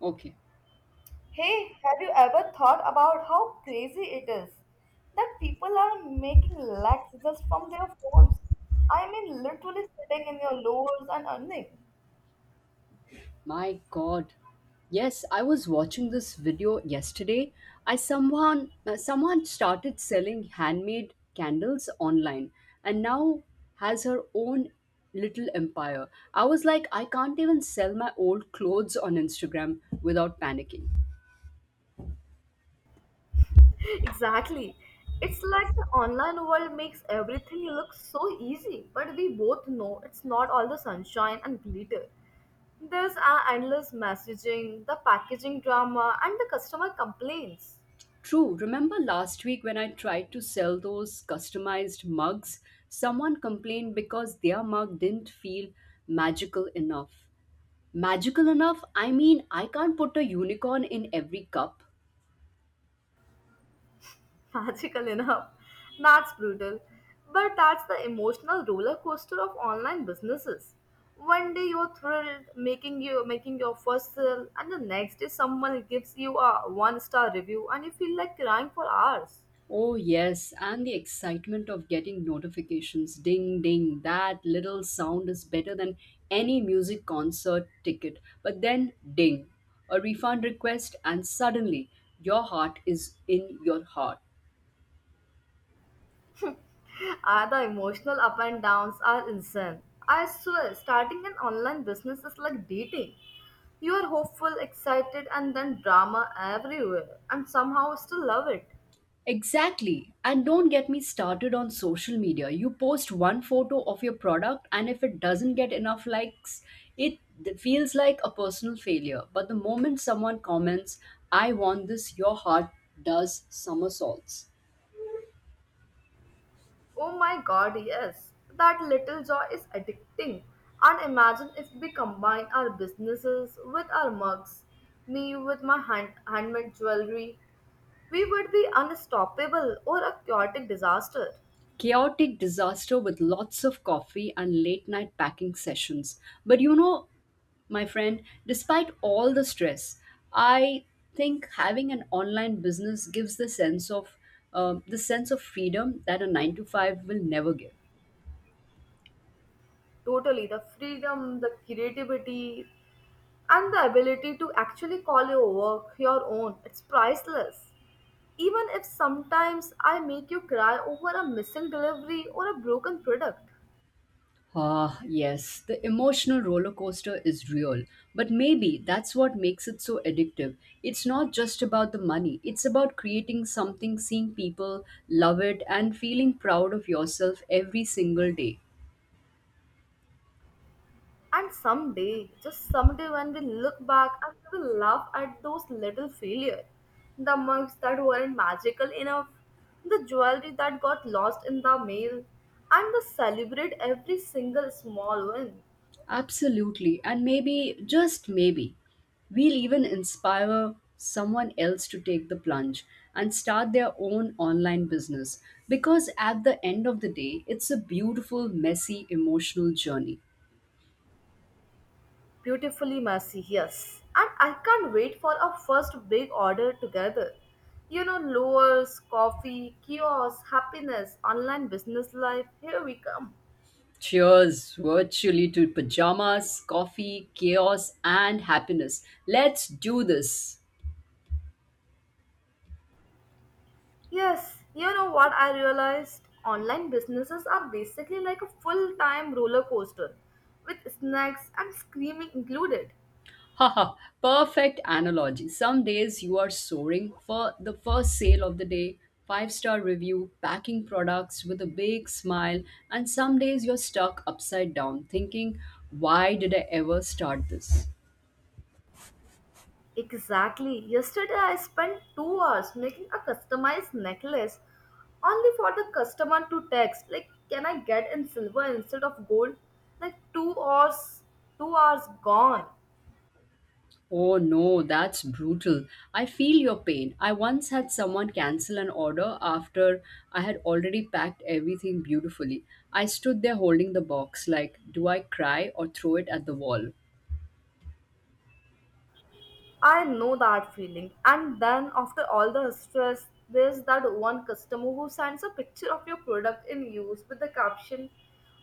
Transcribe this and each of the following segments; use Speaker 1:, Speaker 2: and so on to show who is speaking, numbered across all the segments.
Speaker 1: Okay.
Speaker 2: Hey, have you ever thought about how crazy it is that people are making lakhs just from their phones? I mean, literally sitting in your lowers and earning.
Speaker 1: My God. Yes, I was watching this video yesterday. I someone Someone started selling handmade candles online and now has her own little empire. I was like I can't even sell my old clothes on Instagram without panicking.
Speaker 2: Exactly. It's like the online world makes everything look so easy, but we both know it's not all the sunshine and glitter. There's our endless messaging, the packaging drama, and the customer complaints.
Speaker 1: True. Remember last week when I tried to sell those customized mugs? Someone complained because their mug didn't feel magical enough. Magical enough? I mean, I can't put a unicorn in every cup.
Speaker 2: Magical enough. That's brutal. But that's the emotional roller coaster of online businesses. One day you're thrilled making your first sale, and the next day someone gives you a one star review and you feel like crying for hours.
Speaker 1: Oh, yes, and the excitement of getting notifications ding, ding. That little sound is better than any music concert ticket. But then, ding, a refund request, and suddenly your heart is in your heart.
Speaker 2: Ah, the emotional up and downs are insane. I swear, starting an online business is like dating. You are hopeful, excited, and then drama everywhere, and somehow still love it.
Speaker 1: Exactly. And don't get me started on social media. You post one photo of your product, and if it doesn't get enough likes, it feels like a personal failure. But the moment someone comments, I want this, your heart does somersaults.
Speaker 2: Oh my god, yes. That little joy is addicting. And imagine if we combine our businesses with our mugs, me with my handmade jewelry, we would be unstoppable or a chaotic disaster.
Speaker 1: Chaotic disaster with lots of coffee and late night packing sessions. But you know, my friend, despite all the stress, I think having an online business gives the sense of freedom that a 9 to 5 will never give.
Speaker 2: Totally, the freedom, the creativity, and the ability to actually call your work your own, it's priceless, even if sometimes I make you cry over a missing delivery or a broken product.
Speaker 1: Ah, yes, the emotional roller coaster is real, but maybe that's what makes it so addictive. It's not just about the money, it's about creating something, seeing people love it, and feeling proud of yourself every single day.
Speaker 2: And someday, just someday, when we look back and we will laugh at those little failures, the mugs that weren't magical enough, the jewelry that got lost in the mail, and we celebrate every single small win.
Speaker 1: Absolutely, and maybe, just maybe, we'll even inspire someone else to take the plunge and start their own online business because at the end of the day, it's a beautiful, messy, emotional journey.
Speaker 2: Beautifully messy, yes. And I can't wait for our first big order together. You know, lowers, coffee, kiosks, happiness, online business life, here we come.
Speaker 1: Cheers virtually to pajamas, coffee, chaos, and happiness. Let's do this.
Speaker 2: Yes, you know what I realized? Online businesses are basically like a full time roller coaster with snacks and screaming included.
Speaker 1: Haha, perfect analogy. Some days you are soaring for the first sale of the day, five-star review, packing products with a big smile, and some days you're stuck upside down thinking, why did I ever start this?
Speaker 2: Exactly. Yesterday I spent 2 hours making a customized necklace only for the customer to text like, can I get in silver instead of gold? Like 2 hours, 2 hours gone.
Speaker 1: Oh no, that's brutal. I feel your pain. I once had someone cancel an order after I had already packed everything beautifully. I stood there holding the box, like, do I cry or throw it at the wall?
Speaker 2: I know that feeling. And then after all the stress, there's that one customer who sends a picture of your product in use with the caption,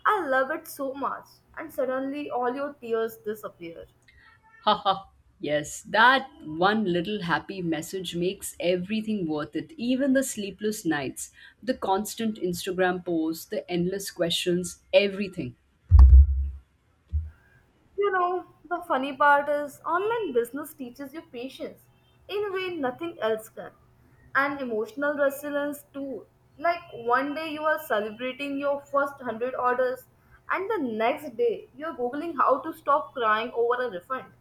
Speaker 2: I love it so much. And suddenly all your tears disappear.
Speaker 1: Haha, yes, that one little happy message makes everything worth it, even the sleepless nights, the constant Instagram posts, the endless questions, everything.
Speaker 2: You know, the funny part is online business teaches you patience in a way nothing else can. And emotional resilience too. Like one day you are celebrating your first 100 orders and the next day you are googling how to stop crying over a refund.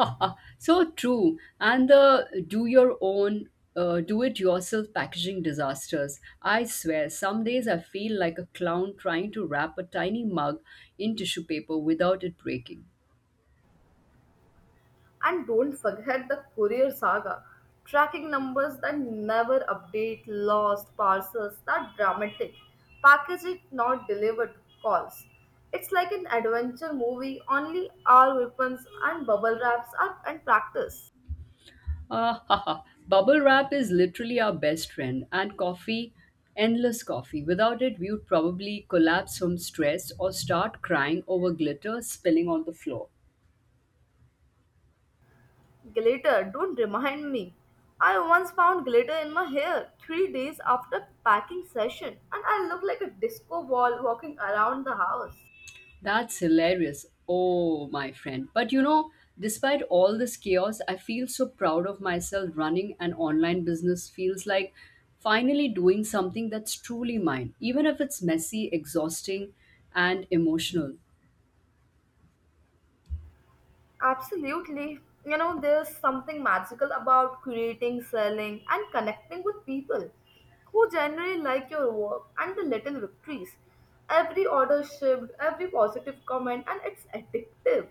Speaker 1: Ah, so true. And the do it yourself packaging disasters. I swear, some days I feel like a clown trying to wrap a tiny mug in tissue paper without it breaking.
Speaker 2: And don't forget the courier saga. Tracking numbers that never update, lost parcels, that dramatic package it not delivered calls. It's like an adventure movie, only our weapons and bubble wraps are and practice.
Speaker 1: Ah, ha, ha. Bubble wrap is literally our best friend, and coffee, endless coffee. Without it, we would probably collapse from stress or start crying over glitter spilling on the floor.
Speaker 2: Glitter, don't remind me. I once found glitter in my hair 3 days after packing session and I looked like a disco ball walking around the house.
Speaker 1: That's hilarious. Oh, my friend. But you know, despite all this chaos, I feel so proud of myself. Running an online business feels like finally doing something that's truly mine, even if it's messy, exhausting, and emotional.
Speaker 2: Absolutely. You know, there's something magical about creating, selling, and connecting with people who generally like your work and the little victories. Every order shipped, every positive comment, and it's addictive.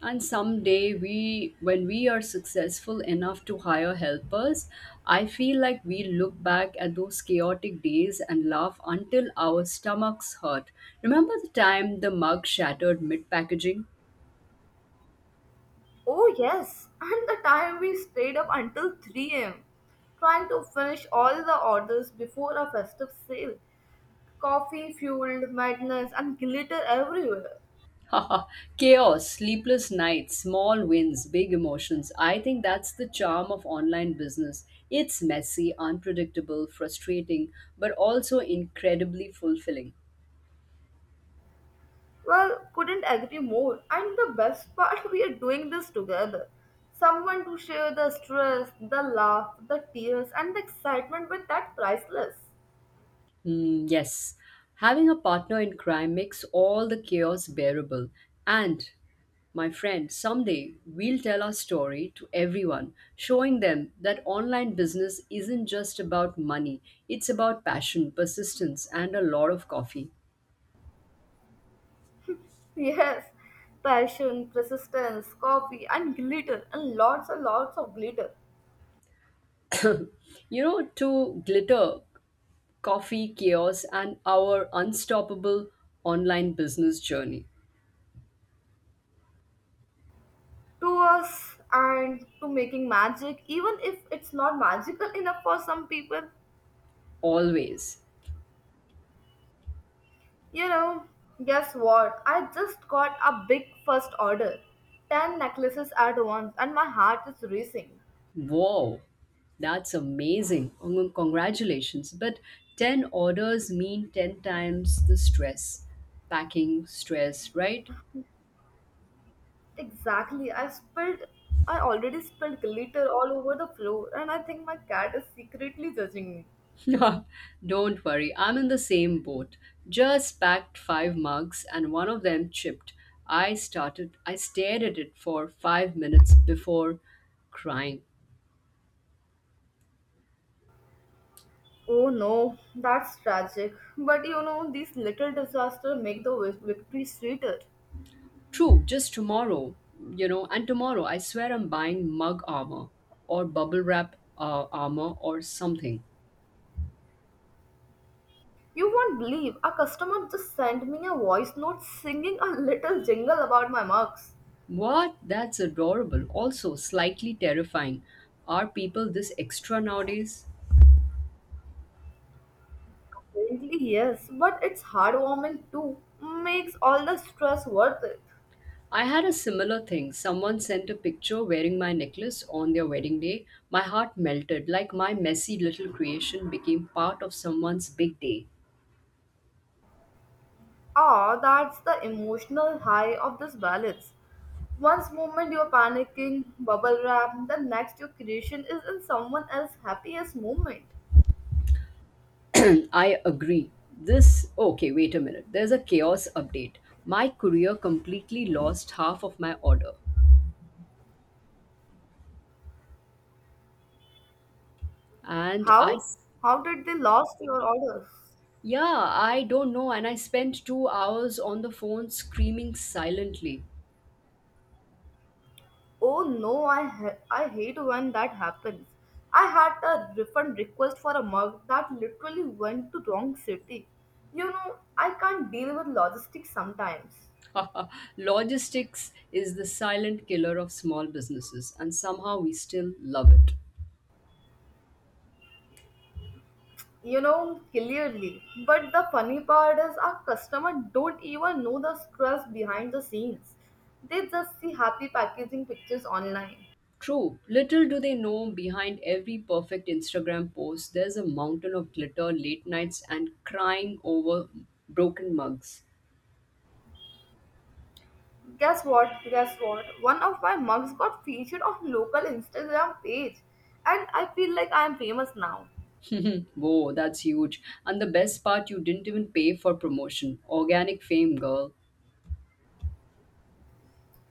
Speaker 1: And someday we when we are successful enough to hire helpers, I feel like we look back at those chaotic days and laugh until our stomachs hurt. Remember the time the mug shattered mid packaging?
Speaker 2: Oh, yes. And the time we stayed up until 3 a.m. trying to finish all the orders before a festive sale. Coffee fueled madness and glitter everywhere.
Speaker 1: Chaos, sleepless nights, small wins, big emotions. I think that's the charm of online business. It's messy, unpredictable, frustrating, but also incredibly fulfilling.
Speaker 2: Well, couldn't agree more. And the best part, we are doing this together. Someone to share the stress, the laugh, the tears, and the excitement with, that priceless.
Speaker 1: Hmm, yes, having a partner in crime makes all the chaos bearable. And, my friend, someday we'll tell our story to everyone, showing them that online business isn't just about money, it's about passion, persistence, and a lot of coffee.
Speaker 2: Yes, passion, persistence, coffee, and glitter, and lots of glitter.
Speaker 1: You know, to glitter, coffee, chaos, and our unstoppable online business journey.
Speaker 2: To us and to making magic, even if it's not magical enough for some people.
Speaker 1: Always.
Speaker 2: You know, guess what? I just got a big first order. 10 necklaces at once, and my heart is racing.
Speaker 1: Wow, that's amazing. Congratulations. But 10 orders mean 10 times the stress, packing stress, right?
Speaker 2: Exactly. I already spilled glitter all over the floor, and I think my cat is secretly judging me.
Speaker 1: Don't worry, I'm in the same boat. Just packed five mugs and one of them chipped. I stared at it for 5 minutes before crying.
Speaker 2: Oh no, that's tragic. But you know, these little disasters make the victory sweeter.
Speaker 1: True, just tomorrow, you know, and tomorrow I swear I'm buying mug armor or bubble wrap armor or something.
Speaker 2: You won't believe a customer just sent me a voice note singing a little jingle about my mugs.
Speaker 1: What? That's adorable. Also, slightly terrifying. Are people this extra nowadays?
Speaker 2: Apparently, yes, but it's heartwarming too. Makes all the stress worth it.
Speaker 1: I had a similar thing. Someone sent a picture wearing my necklace on their wedding day. My heart melted, like my messy little creation became part of someone's big day.
Speaker 2: Ah, that's the emotional high of this balance. Once moment you're panicking, bubble wrap, the next your creation is in someone else's happiest moment.
Speaker 1: I agree. This, okay, wait a minute. There's a chaos update. My courier completely lost half of my order. And I,
Speaker 2: How?
Speaker 1: s-
Speaker 2: How did they lost your orders?
Speaker 1: yeah, I don't know. And I spent 2 hours on the phone screaming silently.
Speaker 2: Oh no, I hate when that happens. I had a refund request for a mug that literally went to wrong city. You know, I can't deal with logistics sometimes.
Speaker 1: Logistics is the silent killer of small businesses, and somehow we still love it.
Speaker 2: You know, clearly, but the funny part is our customer don't even know the stress behind the scenes. They just see happy packaging pictures online.
Speaker 1: True, little do they know behind every perfect Instagram post, there's a mountain of glitter, late nights, and crying over broken mugs.
Speaker 2: Guess what, guess what? One of my mugs got featured on local Instagram page, and I feel like I am famous now.
Speaker 1: Whoa, that's huge. And the best part, you didn't even pay for promotion. Organic fame, girl.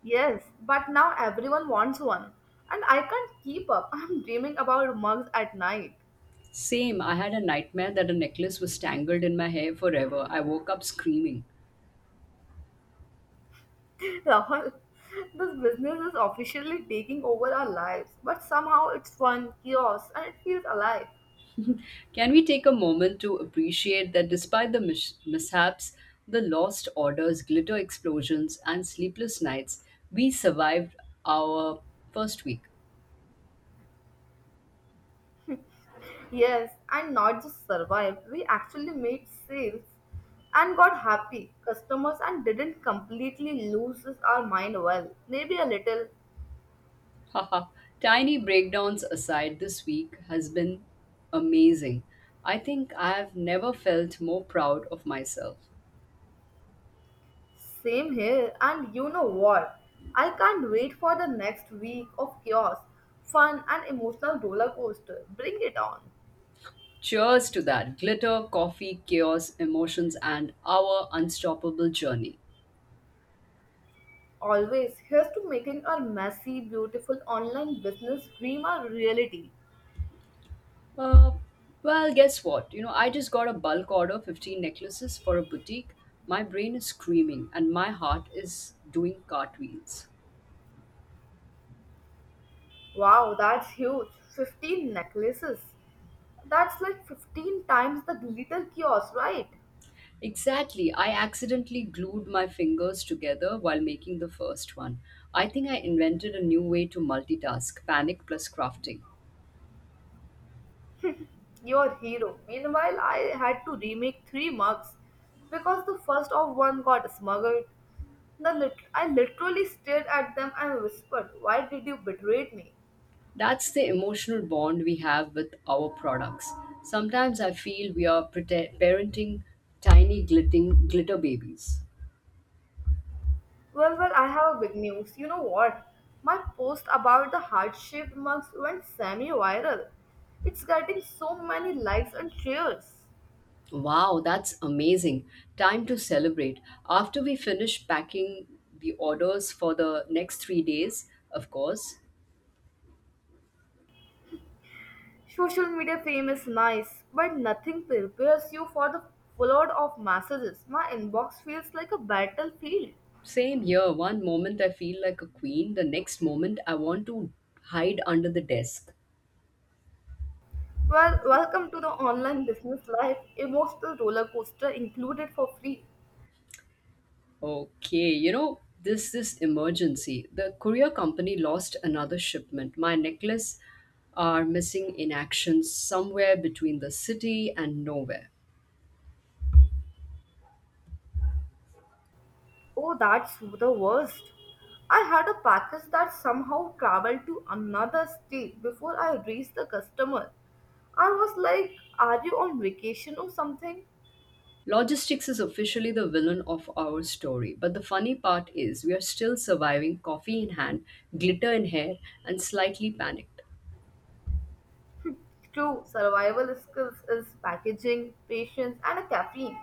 Speaker 2: Yes, but now everyone wants one, and I can't keep up. I'm dreaming about mugs at night.
Speaker 1: Same, I had a nightmare that a necklace was tangled in my hair forever. I woke up screaming.
Speaker 2: Rahul, this business is officially taking over our lives, but somehow it's fun, chaos, and it feels alive.
Speaker 1: Can we take a moment to appreciate that despite the mishaps, the lost orders, glitter explosions, and sleepless nights, we survived our first week?
Speaker 2: Yes, and not just survived, we actually made sales and got happy customers and didn't completely lose our mind. Well, maybe a little.
Speaker 1: Haha, tiny breakdowns aside, this week has been amazing. I think I've never felt more proud of myself.
Speaker 2: Same here, and you know what? I can't wait for the next week of chaos, fun, and emotional roller coaster. Bring it on.
Speaker 1: Cheers to that glitter, coffee, chaos, emotions, and our unstoppable journey.
Speaker 2: Always, here's to making our messy, beautiful online business dream a reality.
Speaker 1: Uh, well, guess what? You know, I just got a bulk order 15 necklaces for a boutique. My brain is screaming, and my heart is doing cartwheels.
Speaker 2: Wow, that's huge. 15 necklaces. That's like 15 times the glitter kiosk, right?
Speaker 1: Exactly. I accidentally glued my fingers together while making the first one. I think I invented a new way to multitask panic plus crafting.
Speaker 2: Your hero. Meanwhile, I had to remake three mugs because the first of one got smuggled. The I literally stared at them and whispered, why did you betray me?
Speaker 1: That's the emotional bond we have with our products. Sometimes I feel we are parenting tiny glitter babies.
Speaker 2: Well, well, I have a big news. You know what? My post about the heart-shaped mugs went semi-viral. It's getting so many likes and shares.
Speaker 1: Wow, that's amazing. Time to celebrate. After we finish packing the orders for the next 3 days, of course.
Speaker 2: Social media fame is nice, but nothing prepares you for the flood of messages. My inbox feels like a battlefield.
Speaker 1: Same here. One moment I feel like a queen, the next moment I want to hide under the desk.
Speaker 2: Well, welcome to the online business life, emotional roller coaster included for free.
Speaker 1: Okay, you know, this emergency. The courier company lost another shipment. My necklace are missing in action somewhere between the city and nowhere.
Speaker 2: Oh, that's the worst. I had a package that somehow traveled to another state before I reached the customer. I was like, are you on vacation or something?
Speaker 1: Logistics is officially the villain of our story, but the funny part is we are still surviving, coffee in hand, glitter in hair, and slightly panicked.
Speaker 2: True, survival skills is packaging, patience, and a caffeine.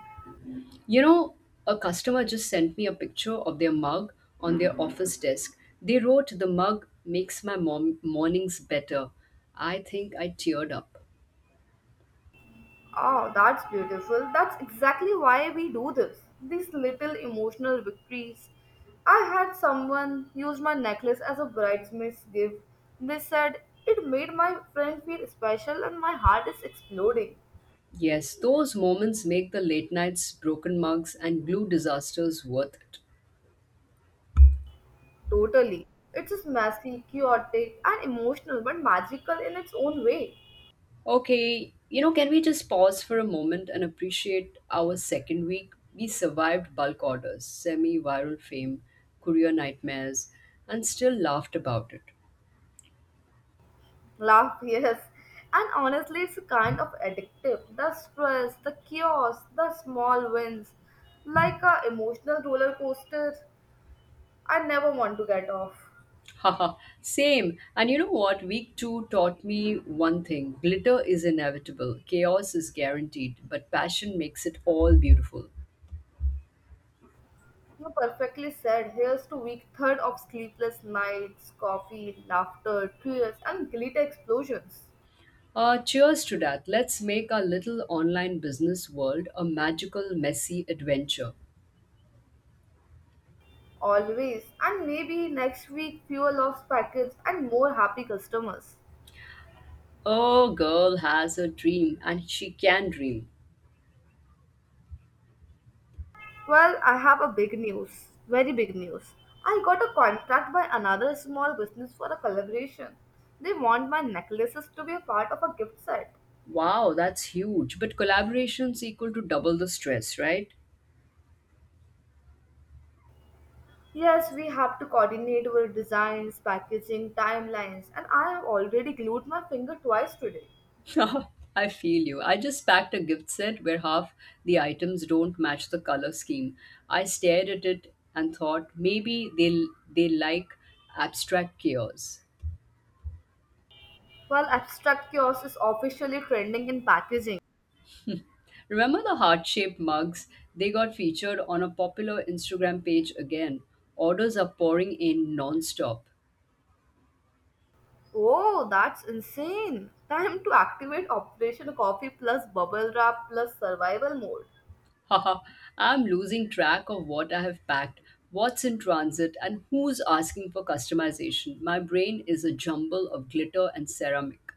Speaker 1: You know, a customer just sent me a picture of their mug on their office desk. They wrote, The mug makes my mornings better. I think I teared up.
Speaker 2: Oh, that's beautiful. That's exactly why we do this. These little emotional victories. I had someone use my necklace as a bridesmaid's gift. They said it made my friend feel special and my heart is exploding.
Speaker 1: Yes, those moments make the late nights, broken mugs, and glue disasters worth it.
Speaker 2: Totally. It's just messy, chaotic, and emotional, but magical in its own way.
Speaker 1: Okay, you know, can we just pause for a moment and appreciate our second week? We survived bulk orders, semi viral fame, courier nightmares, and still laughed about it.
Speaker 2: Laugh, yes. And honestly, it's kind of addictive. The stress, the chaos, the small wins. Like a emotional roller coaster. I never want to get off.
Speaker 1: Haha, same. And you know what? Week two taught me one thing glitter is inevitable, chaos is guaranteed, but passion makes it all beautiful.
Speaker 2: You perfectly said, here's to week third of sleepless nights, coffee, laughter, tears, and glitter explosions.
Speaker 1: Cheers to that. Let's make our little online business world a magical, messy adventure.
Speaker 2: Always. And maybe next week, fewer lost packets and more happy customers.
Speaker 1: Oh, girl has a dream and she can dream.
Speaker 2: Well, I have a big news. Very big news. I got a contract by another small business for a collaboration. They want my necklaces to be a part of a gift set.
Speaker 1: Wow, that's huge. But collaboration's equal to double the stress, right?
Speaker 2: Yes, we have to coordinate our designs, packaging, timelines, and I have already glued my finger twice today.
Speaker 1: I feel you. I just packed a gift set where half the items don't match the color scheme. I stared at it and thought maybe they like abstract chaos.
Speaker 2: While abstract chaos is officially trending in packaging.
Speaker 1: Remember the heart-shaped mugs? They got featured on a popular Instagram page again. Orders are pouring in non-stop.
Speaker 2: Oh, that's insane! Time to activate Operation Coffee plus bubble wrap plus survival mode.
Speaker 1: Haha, I'm losing track of what I have packed, what's in transit, and who's asking for customization. My brain is a jumble of glitter and ceramic.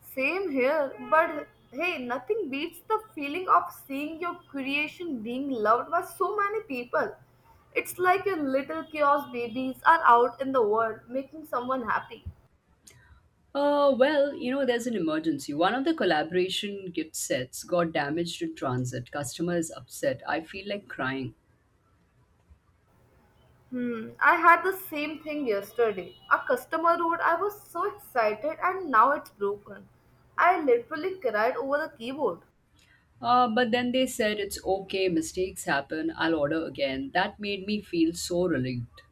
Speaker 2: Same here, but hey, nothing beats the feeling of seeing your creation being loved by so many people. It's like your little chaos babies are out in the world making someone happy.
Speaker 1: Well, you know, there's an emergency. One of the collaboration gift sets got damaged in transit. Customer is upset. I feel like crying.
Speaker 2: Hmm, I had the same thing yesterday. A customer wrote, I was so excited and now it's broken. I literally cried over the keyboard.
Speaker 1: But then they said it's okay, mistakes happen, I'll order again. That made me feel so relieved.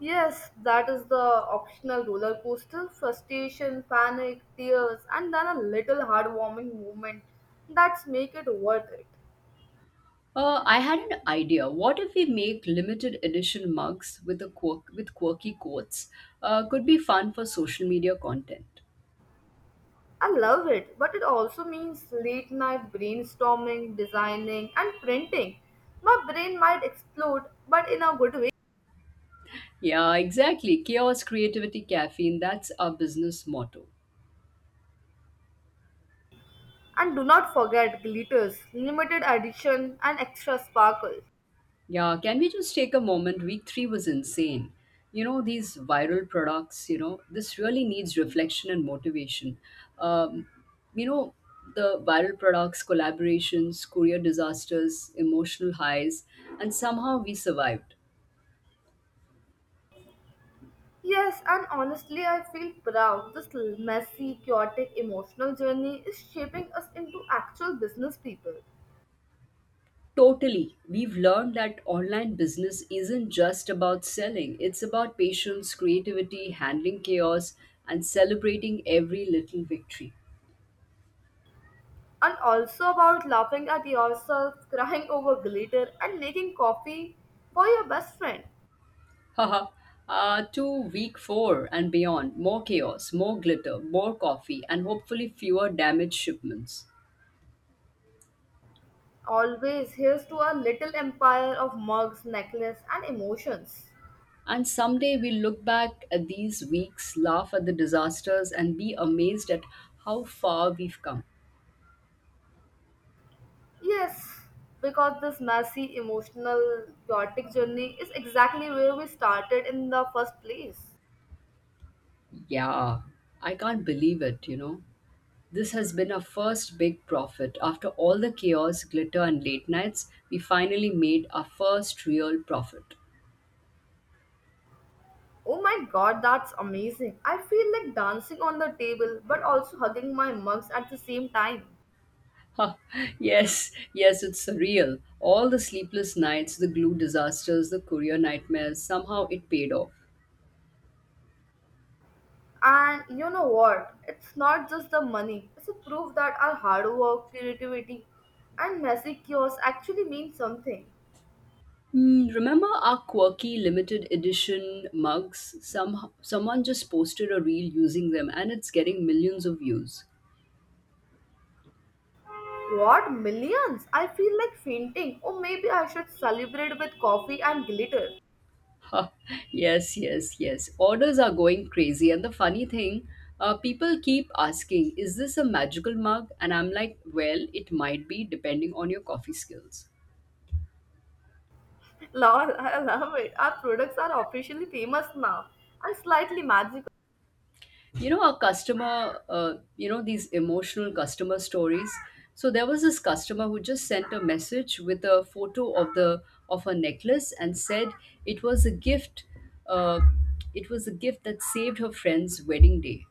Speaker 2: Yes, that is the optional roller coaster frustration, panic, tears, and then a little heartwarming moment that's make it worth it.
Speaker 1: I had an idea. What if we make limited edition mugs with quirky quotes? Could be fun for social media content.
Speaker 2: I love it, but it also means late night brainstorming, designing, and printing. My brain might explode, but in a good way.
Speaker 1: Yeah, exactly. Chaos, creativity, caffeine, that's our business motto.
Speaker 2: And do not forget glitters, limited edition, and extra sparkle.
Speaker 1: Yeah, can we just take a moment? Week three was insane. You know, these viral products, you know, this really needs reflection and motivation. Um, you know, The viral products, collaborations, courier disasters, emotional highs, and somehow we survived.
Speaker 2: Yes, and honestly, I feel proud. This messy, chaotic, emotional journey is shaping us into actual business people.
Speaker 1: Totally. We've learned that online business isn't just about selling, it's about patience, creativity, handling chaos, and celebrating every little victory.
Speaker 2: And also about laughing at yourself, crying over glitter, and making coffee for your best friend.
Speaker 1: Haha. To week four and beyond, more chaos, more glitter, more coffee, and hopefully fewer damaged shipments.
Speaker 2: Always, here's to our little empire of mugs, necklace, and emotions.
Speaker 1: And someday we'll look back at these weeks, laugh at the disasters, and be amazed at how far we've come.
Speaker 2: Yes, because this messy, emotional, chaotic journey is exactly where we started in the first place.
Speaker 1: Yeah, I can't believe it, you know. This has been our first big profit. After all the chaos, glitter, and late nights, we finally made our first real profit.
Speaker 2: Oh my god, that's amazing. I feel like dancing on the table but also hugging my mugs at the same time.
Speaker 1: Ha, yes, yes, it's surreal. All the sleepless nights, the glue disasters, the courier nightmares, somehow it paid off.
Speaker 2: And you know what? It's not just the money, it's a proof that our hard work, creativity, and messy chaos actually mean something.
Speaker 1: Hmm, remember our quirky limited edition mugs? Someone just posted a reel using them and it's getting millions of views.
Speaker 2: What? Millions? I feel like fainting. Or maybe I should celebrate with coffee and glitter.
Speaker 1: Ha, yes, yes, yes. Orders are going crazy. And the funny thing, people keep asking, is this a magical mug? And I'm like, well, it might be depending on your coffee skills.
Speaker 2: Lol, I love it. Our products are officially famous now and slightly magical.
Speaker 1: You know these emotional customer stories. So there was this customer who just sent a message with a photo of the of her necklace and said it was a gift. uh, it was a gift that saved her friend's wedding day.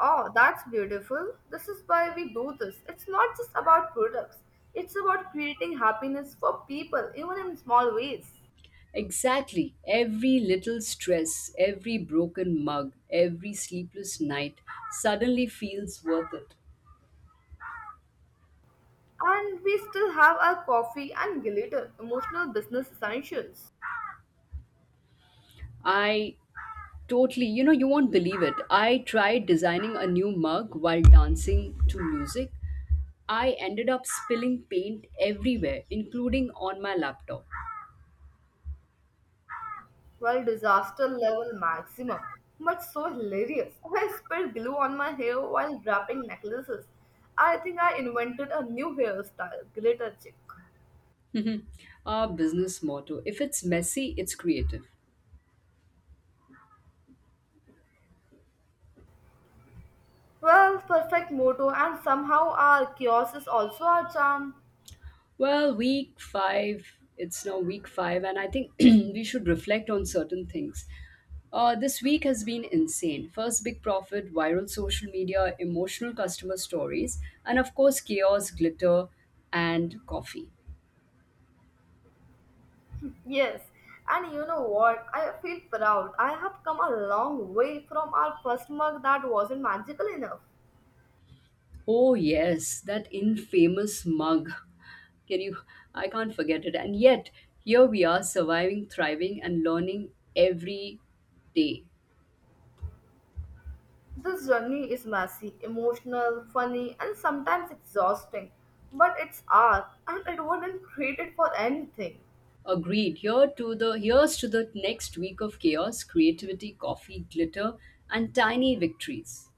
Speaker 2: Oh, that's beautiful. This is why we do this. It's not just about products, it's about creating happiness for people, even in small ways.
Speaker 1: Exactly, every little stress, every broken mug, every sleepless night suddenly feels worth it.
Speaker 2: And we still have our coffee and glitter, emotional business essentials.
Speaker 1: I Totally. You know, you won't believe it. I tried designing a new mug while dancing to music. I ended up spilling paint everywhere, including on my laptop.
Speaker 2: Well, disaster level maximum. But so hilarious. I spilled glue on my hair while wrapping necklaces. I think I invented a new hairstyle, glitter chick.
Speaker 1: Our business motto, if it's messy, it's creative.
Speaker 2: Well, perfect motto, and somehow our chaos is also our charm.
Speaker 1: Well, week five, it's now week five, and I think we should reflect on certain things. This week has been insane. First big profit, viral social media, emotional customer stories, and of course, chaos, glitter, and coffee.
Speaker 2: Yes, and you know what? I feel proud. I have come a long way from our first mug that wasn't magical enough.
Speaker 1: Oh, yes, that infamous mug. Can you? I can't forget it. And yet, here we are surviving, thriving, and learning every day.
Speaker 2: This journey is messy, emotional, funny, and sometimes exhausting, but it's art, and it wasn't created for anything.
Speaker 1: Agreed. Here's to the next week of chaos, creativity, coffee, glitter, and tiny victories.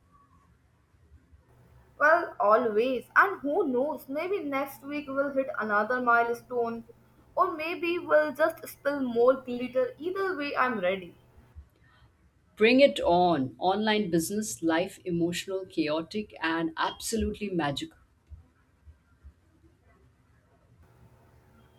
Speaker 2: Well, always, and who knows, maybe next week we'll hit another milestone, or maybe we'll just spill more glitter. Either way, I'm ready.
Speaker 1: Bring it on. Online business, life, emotional, chaotic, and absolutely magical.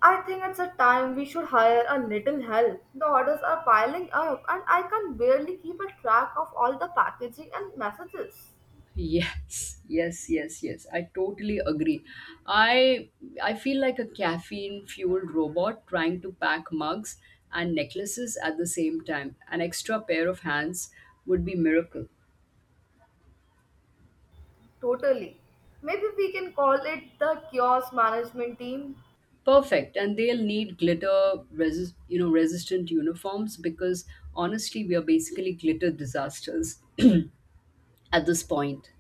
Speaker 2: I think it's a time we should hire a little help. The orders are piling up, and I can barely keep a track of all the packaging and messages.
Speaker 1: Yes, yes, yes, yes, I totally agree. I I feel like a caffeine-fueled robot trying to pack mugs and necklaces at the same time. An extra pair of hands would be miracle.
Speaker 2: Totally. Maybe we can call it the kiosk management team.
Speaker 1: Perfect. And they'll need glitter resist, you know, resistant uniforms because honestly, we are basically glitter disasters at this point.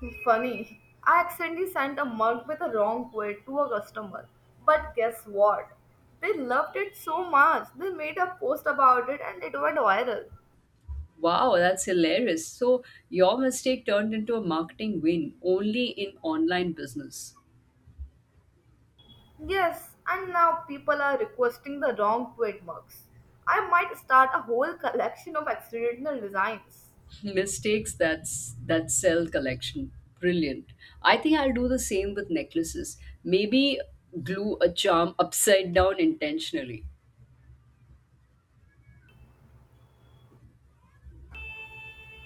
Speaker 2: Funny. I accidentally sent a mug with a wrong quote to a customer. But guess what? They loved it so much, they made a post about it and it went viral.
Speaker 1: Wow, that's hilarious. So your mistake turned into a marketing win only in online business.
Speaker 2: Yes, and now people are requesting the wrong trademarks. I might start a whole collection of accidental designs.
Speaker 1: Mistakes, that's that Cell collection, brilliant. I think I'll do the same with necklaces, maybe glue a charm upside down intentionally.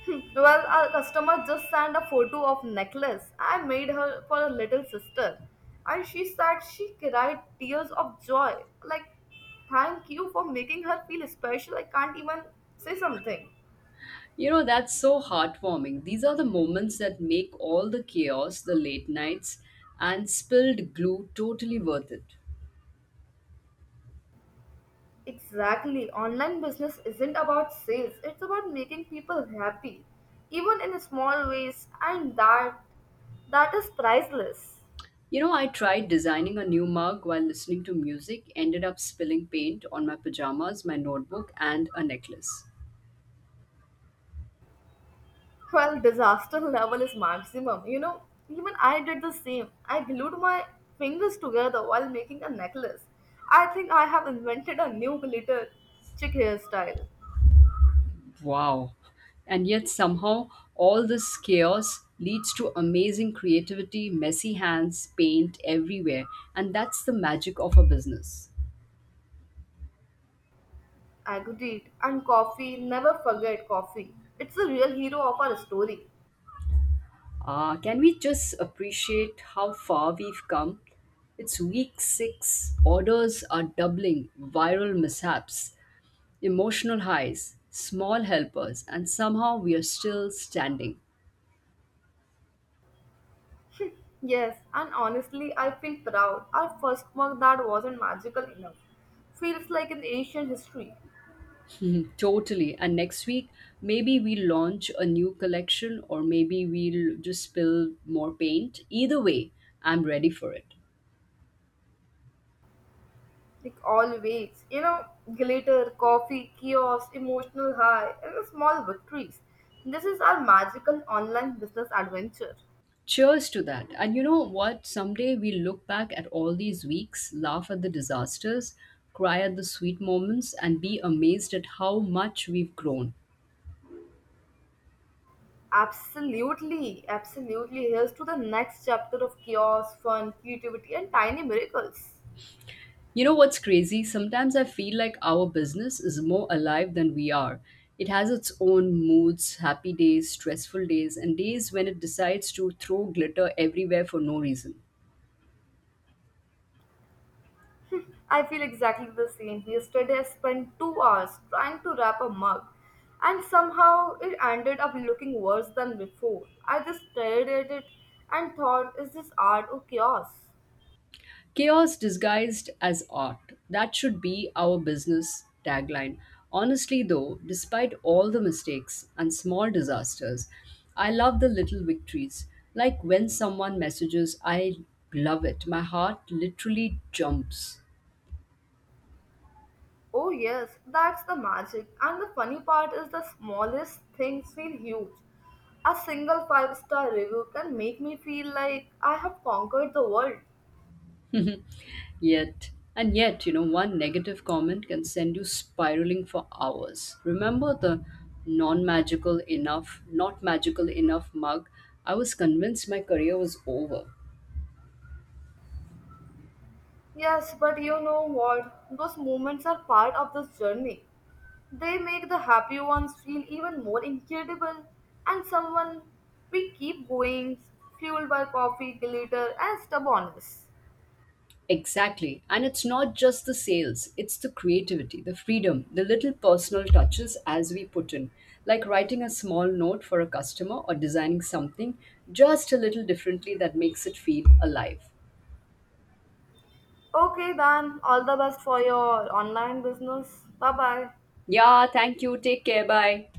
Speaker 2: Well, a customer just sent a photo of necklace I made her for a little sister, and she said she cried tears of joy. Like, thank you for making her feel special. I can't even say something.
Speaker 1: You know, that's so heartwarming. These are the moments that make all the chaos, the late nights, and spilled glue totally worth it.
Speaker 2: Exactly. Online business isn't about sales, it's about making people happy, even in small ways, and that is priceless.
Speaker 1: You know, I tried designing a new mug while listening to music, ended up spilling paint on my pajamas, my notebook, and a necklace.
Speaker 2: Well, disaster level is maximum. You know, even I did the same. I glued my fingers together while making a necklace. I think I have invented a new glitter chick hairstyle.
Speaker 1: Wow. And yet, somehow, all this chaos leads to amazing creativity, messy hands, paint everywhere. And that's the magic of a business.
Speaker 2: Agreed. And coffee, never forget coffee. It's the real hero of our story.
Speaker 1: Ah, can we just appreciate how far we've come? It's week six, orders are doubling, viral mishaps, emotional highs, small helpers, and somehow we are still standing.
Speaker 2: Yes, and honestly, I feel proud. Our first mug that wasn't magical enough. Feels like an ancient history.
Speaker 1: Totally. And next week, maybe we launch a new collection, or maybe we'll just spill more paint. Either way, I'm ready for it.
Speaker 2: Like always, you know, glitter, coffee, kiosk, emotional high, and the small victories. This is our magical online business adventure.
Speaker 1: Cheers to that. And you know what? Someday we look back at all these weeks, laugh at the disasters, cry at the sweet moments, and be amazed at how much we've grown.
Speaker 2: Absolutely, absolutely. Here's to the next chapter of kiosk, fun, creativity, and tiny miracles.
Speaker 1: You know what's crazy? Sometimes I feel like our business is more alive than we are. It has its own moods, happy days, stressful days, and days when it decides to throw glitter everywhere for no reason.
Speaker 2: I feel exactly the same. Yesterday, I spent 2 hours trying to wrap a mug, and somehow it ended up looking worse than before. I just stared at it and thought, is this art or chaos?
Speaker 1: Chaos disguised as art. That should be our business tagline. Honestly, though, despite all the mistakes and small disasters, I love the little victories. Like when someone messages, I love it, my heart literally jumps.
Speaker 2: Oh, yes, that's the magic. And the funny part is the smallest things feel huge. A single five-star review can make me feel like I have conquered the world.
Speaker 1: And yet, you know, one negative comment can send you spiraling for hours. Remember the not magical enough mug? I was convinced my career was over.
Speaker 2: Yes, but you know what? Those moments are part of this journey. They make the happy ones feel even more incredible, and someone we keep going, fueled by coffee, glitter, and stubbornness.
Speaker 1: Exactly. And it's not just the sales, it's the creativity, the freedom, the little personal touches as we put in, like writing a small note for a customer or designing something just a little differently that makes it feel alive.
Speaker 2: Okay, then, all the best for your online business. Bye bye.
Speaker 1: Yeah, thank you. Take care. Bye.